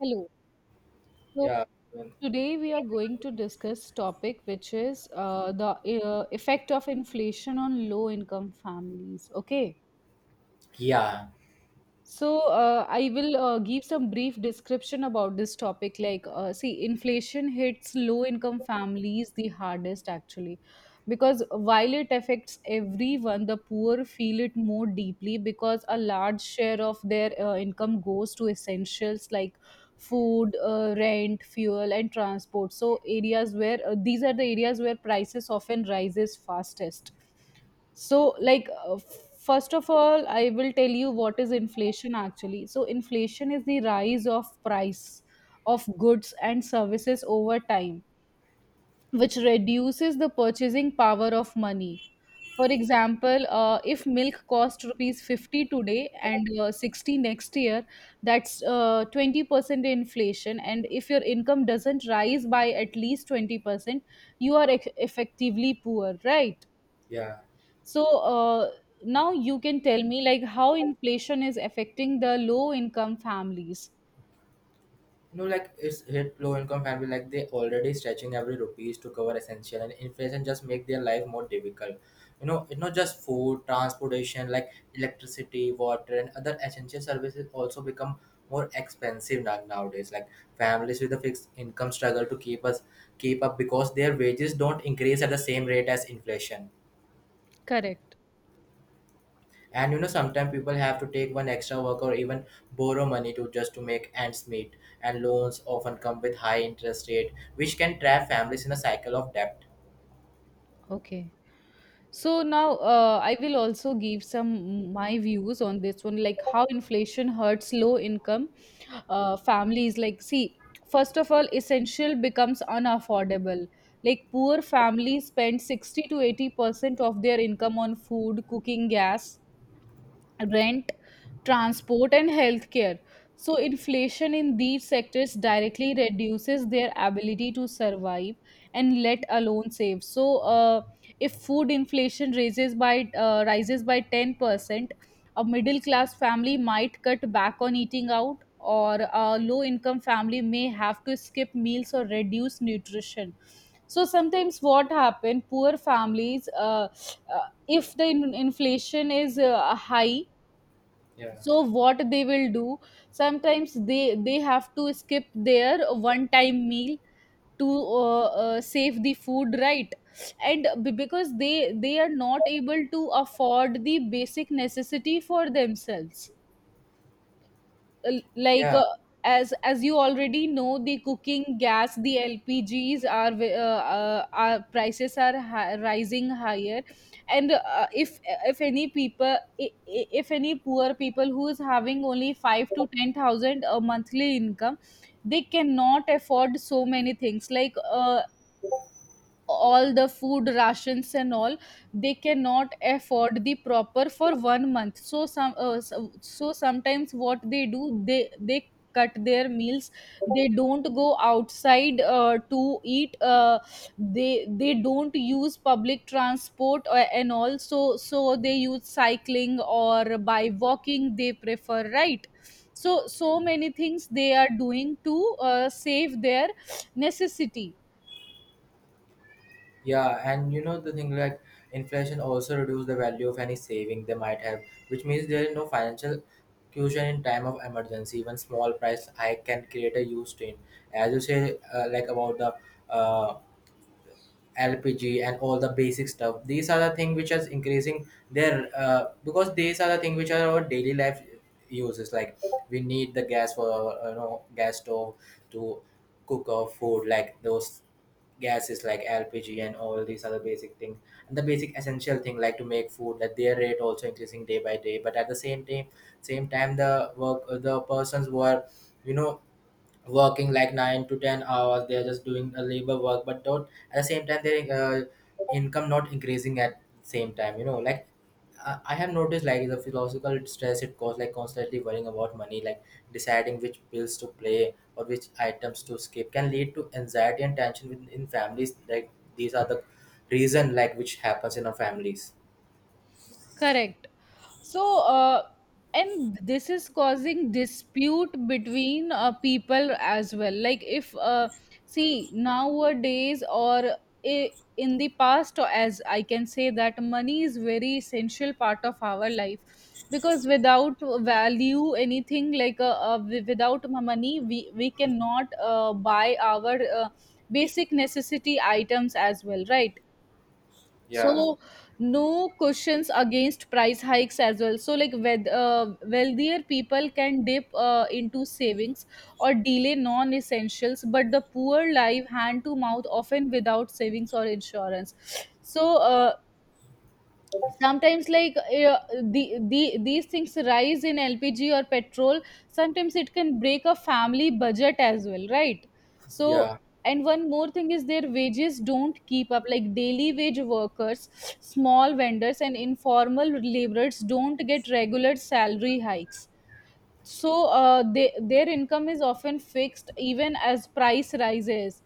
Hello. So Yeah, um, today we are going to discuss topic which is the effect of inflation on low income families. Okay. yeah, So, I will give some brief description about this topic. See, inflation hits low income families the hardest actually, because while it affects everyone, the poor feel it more deeply because a large share of their income goes to essentials like food, rent, fuel, and transport. So, areas where these are the areas where prices often rises fastest. So, first of all, I will tell you what is inflation actually. So, inflation is the rise of price of goods and services over time, which reduces the purchasing power of money. For example, if milk cost rupees 50 today and 60 next year, that's 20% inflation. And if your income doesn't rise by at least 20%, you are effectively poor, right? yeah. So now you can tell me like how inflation is affecting the low income families. You know, like it's hit low income family, like they already stretching every rupees to cover essential, and inflation just make their life more difficult. You know, it's not just food, transportation, like electricity, water, and other essential services also become more expensive nowadays. Like families with a fixed income struggle to keep up because their wages don't increase at the same rate as inflation. Correct. And you know sometimes people have to take one extra work or even borrow money to just to make ends meet, and loans often come with high interest rate which can trap families in a cycle of debt. Okay. So now I will also give some my views on this one, like how inflation hurts low income families. Like, see, first of all, essential becomes unaffordable. Like poor families spend 60 to 80% of their income on food, cooking, gas, rent, transport, and healthcare. So, inflation in these sectors directly reduces their ability to survive and let alone save. So, if food inflation raises by rises by 10%, a middle class family might cut back on eating out, or a low income family may have to skip meals or reduce nutrition. So sometimes what happen, poor families, if the inflation is high, Yeah, so what they will do, sometimes they have to skip their one time meal to save the food, right? And because they are not able to afford the basic necessity for themselves, l- like yeah uh, as you already know, the cooking gas, the lpgs are prices are rising higher. And if any people I- I- if any poor people who is having only 5 to 10,000 a monthly income, they cannot afford so many things, like all the food rations and all, they cannot afford the proper for one month. So sometimes what they do, they cut their meals, they don't go outside to eat, they don't use public transport, and also, so they use cycling or by walking they prefer, right? So so many things they are doing to save their necessity. yeah. And you know the thing, like inflation also reduce the value of any saving they might have, which means there is no financial cushion in time of emergency. Even small price hike can create a huge strain. As you say, like about the uh, LPG and all the basic stuff. These are the thing which is increasing their, because these are the thing which are our daily life uses. Like, we need the gas for our, you know, gas stove to cook our food. Like those gases like LPG and all these other basic things and the basic essential thing like to make food, that their rate also increasing day by day. But at the same time, same time, the work, the persons who are, you know, working like 9 to 10 hours. They are just doing a labor work, but don't at the same time their income not increasing at same time. You know, like I have noticed like the philosophical stress it causes, like constantly worrying about money, like deciding which bills to pay or which items to skip, can lead to anxiety and tension within in families. Like these are the reason like which happens in our families. Correct. So, and this is causing dispute between people as well. Like, if, see, nowadays or in the past, or as I can say, that money is very essential part of our life, because without value anything like without money we cannot buy our basic necessity items as well, right? Yeah, So no cushions against price hikes as well. So like, wealthier people can dip into savings or delay non-essentials, but the poor live hand to mouth often without savings or insurance. So sometimes like these things rise in lpg or petrol, sometimes it can break a family budget as well, right? So yeah, and one more thing is their wages don't keep up, like daily wage workers, small vendors and informal laborers don't get regular salary hikes. So their income is often fixed even as price rises,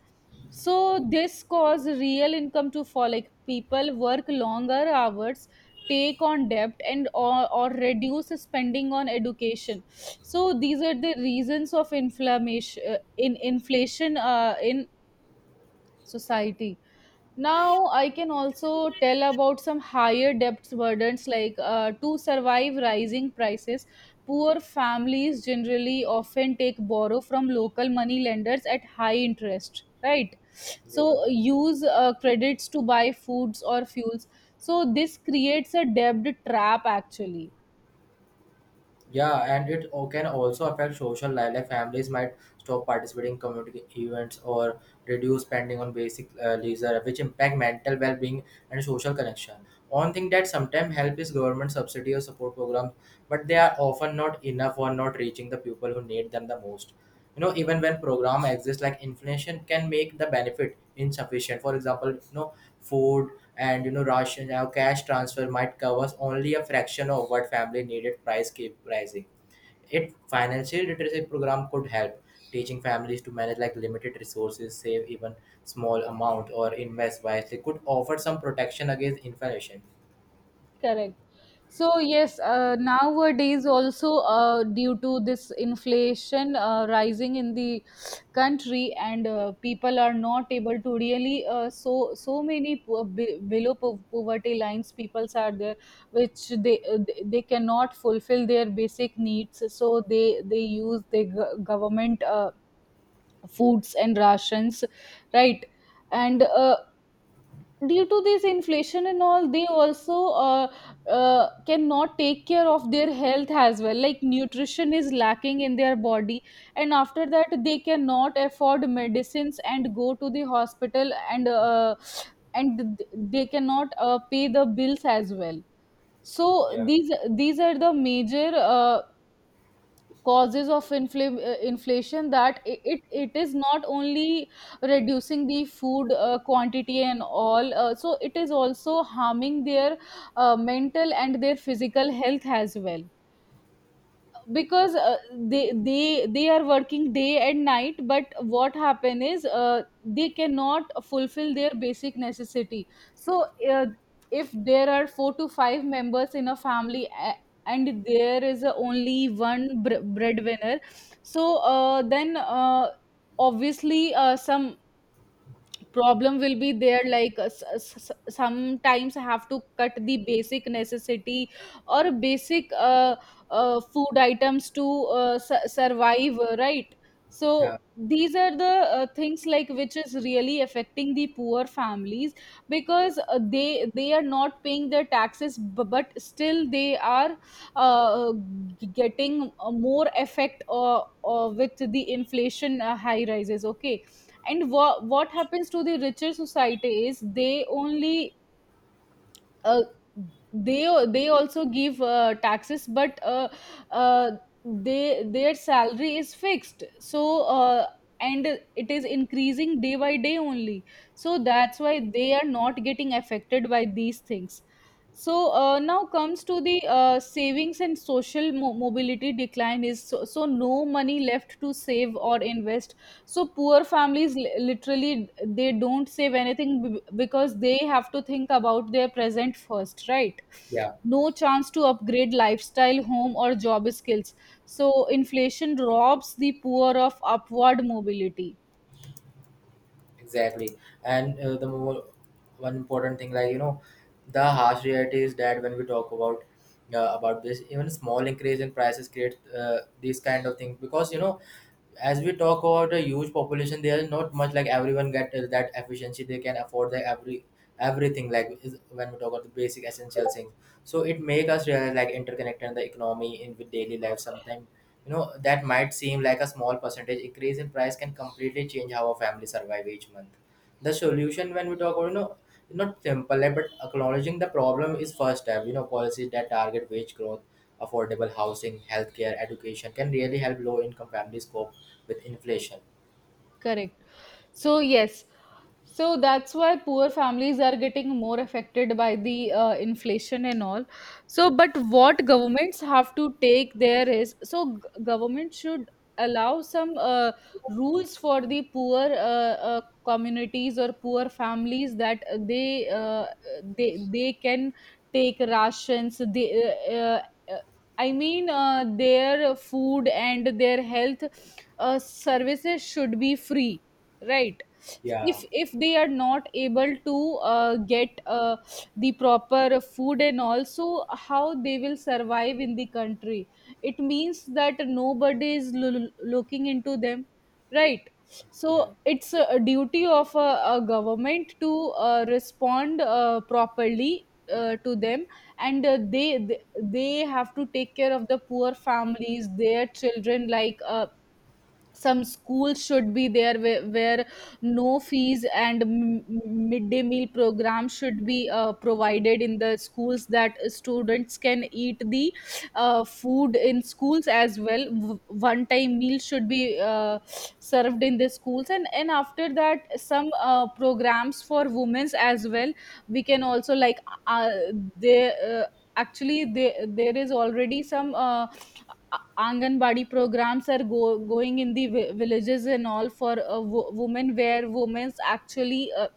so this cause real income to fall, like people work longer hours, take on debt and or reduce spending on education. So these are the reasons of inflammation, in inflation in society. Now I can also tell about some higher debts burdens, like to survive rising prices, poor families generally often take borrow from local money lenders at high interest, right? So yeah. use credits to buy foods or fuels, so this creates a debt trap actually. Yeah, and it can also affect social life. Like families might stop participating in community events or reduce spending on basic leisure, which impact mental well-being and social connection. One thing that sometimes help is government subsidy or support programs, but they are often not enough or not reaching the people who need them the most. You know, even when program exists, like inflation can make the benefit insufficient. For example, you know, food and you know ration now cash transfer might covers only a fraction of what family needed, price keep rising. It financial literacy program could help teaching families to manage like limited resources, save even small amount or invest wisely, could offer some protection against inflation. Correct. So yes, nowadays also due to this inflation rising in the country, and people are not able to really, so so many poverty lines peoples are there, which they they cannot fulfill their basic needs. So they use the government foods and rations, right? And due to this inflation and all, they also uh, cannot take care of their health as well, like nutrition is lacking in their body, and after that they cannot afford medicines and go to the hospital, and they cannot pay the bills as well. So Yeah. these are the major causes of inflation, that it is not only reducing the food quantity and all, so it is also harming their mental and their physical health as well, because they are working day and night, but what happen is, they cannot fulfill their basic necessity. So if there are four to five members in a family, and there is a only one breadwinner, so then obviously some problem will be there, like sometimes I have to cut the basic necessity or basic food items to survive, right? yeah So these are the things like which is really affecting the poor families, because they are not paying their taxes, but still they are uh, getting more effect with the inflation high rises, okay? And what happens to the richer society is, they only, uh, they they also give taxes, but uh, they their salary is fixed, so uh, and it is increasing day by day only, so that's why they are not getting affected by these things. So now comes to the savings and social mobility decline is, so so no money left to save or invest. So poor families literally, they don't save anything, because they have to think about their present first, right? yeah. No chance to upgrade lifestyle, home or job skills. So inflation robs the poor of upward mobility. Exactly. And the more, one important thing, like you know, the harsh reality is that when we talk about this, even small increase in prices create these kind of things, because you know as we talk about a huge population there is not much like everyone get that efficiency they can afford the everything, like when we talk about the basic essential things. So it make us realize like interconnected the economy in with daily life. Sometimes you know that might seem like a small percentage increase in price can completely change how a family survive each month. The solution, when we talk about, you know, not simple like, but acknowledging the problem is first step. You know, policies that target wage growth, affordable housing, healthcare, education can really help low income families cope with inflation. Correct. So, yes. So that's why poor families are getting more affected by the inflation and all. So, but what governments have to take there is, so government should allow some rules for the poor communities or poor families, that they can take rations. They, uh, I mean, their food and their health services should be free, right? Yeah, If they are not able to get the proper food, and also how they will survive in the country? It means that nobody is looking into them, right? So Yeah. it's a duty of a government to respond properly to them. And they have to take care of the poor families, their children, like some schools should be there, where no fees, and midday meal program should be provided in the schools, that students can eat the food in schools as well. One time meal should be served in the schools, and after that some programs for women's as well. We can also, like uh, they actually there is already some Anganwadi programs are going in the villages and all for women, where women actually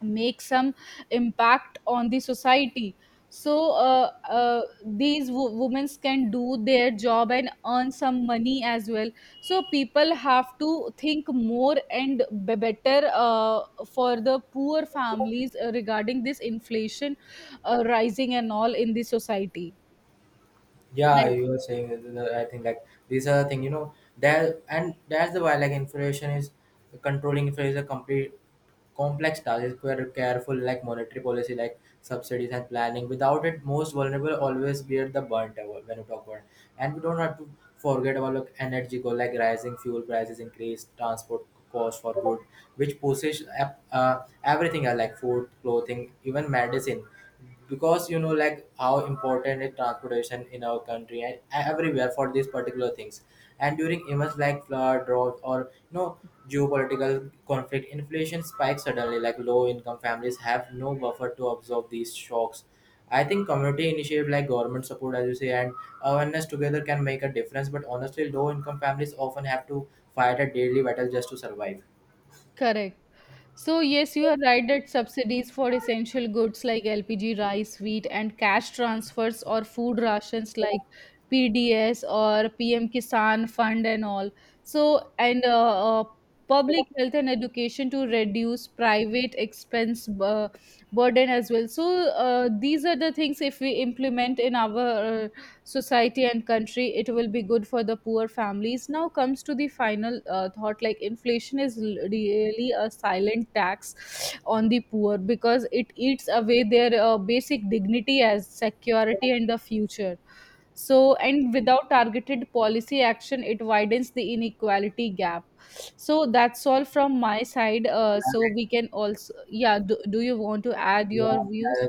make some impact on the society. So these women can do their job and earn some money as well. So people have to think more and be better for the poor families regarding this inflation rising and all in the society. Yeah, Right. you were saying I think like these are the thing. You know, there, and that's the why like inflation is controlling inflation is a complete complex task. It's quite a careful like monetary policy, like subsidies and planning. Without it, most vulnerable always be at the burnt hour when you talk about. And we don't have to forget about like energy go like rising fuel prices, increased transport cost for good, which pushes everything else, like food, clothing, even medicine. Because you know like how important is transportation in our country and everywhere for these particular things. And during events like flood, drought, or you know, geopolitical conflict, inflation spikes suddenly, like low income families have no buffer to absorb these shocks. I think community initiative like government support, as you say, and awareness together can make a difference, but honestly low income families often have to fight a daily battle just to survive. Correct. So, yes, you are right that subsidies for essential goods like LPG, rice, wheat, and cash transfers or food rations like PDS or PM Kisan Fund and all. So, and public health and education to reduce private expense burden as well. So, these are the things, if we implement in our society and country, it will be good for the poor families. Now comes to the final thought, like inflation is really a silent tax on the poor, because it eats away their basic dignity as security and the future. So and without targeted policy action, it widens the inequality gap. So that's all from my side, so we can also, yeah, do you want to add Yeah, your views? yeah.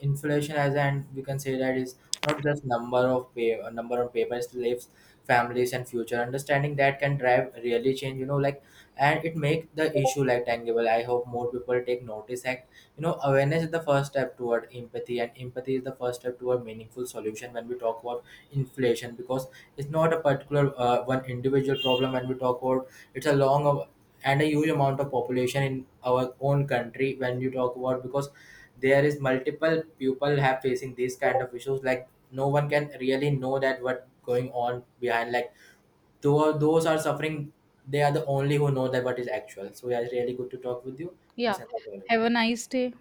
Inflation, as and we can say that is not just number of papers, lives, families, and future. Understanding that can drive really change. You know, like, and it make the issue like tangible. I hope more people take notice. Act. You know, awareness is the first step toward empathy, and empathy is the first step toward meaningful solution when we talk about inflation. Because it's not a particular one individual problem. When we talk about, it's and a huge amount of population in our own country when you talk about. Because there is multiple people have facing these kind of issues, like no one can really know that what going on behind, like though those are suffering, they are the only who know that what is actual. So yeah, it's really good to talk with you. Let's Yeah. end the call. Have a nice day.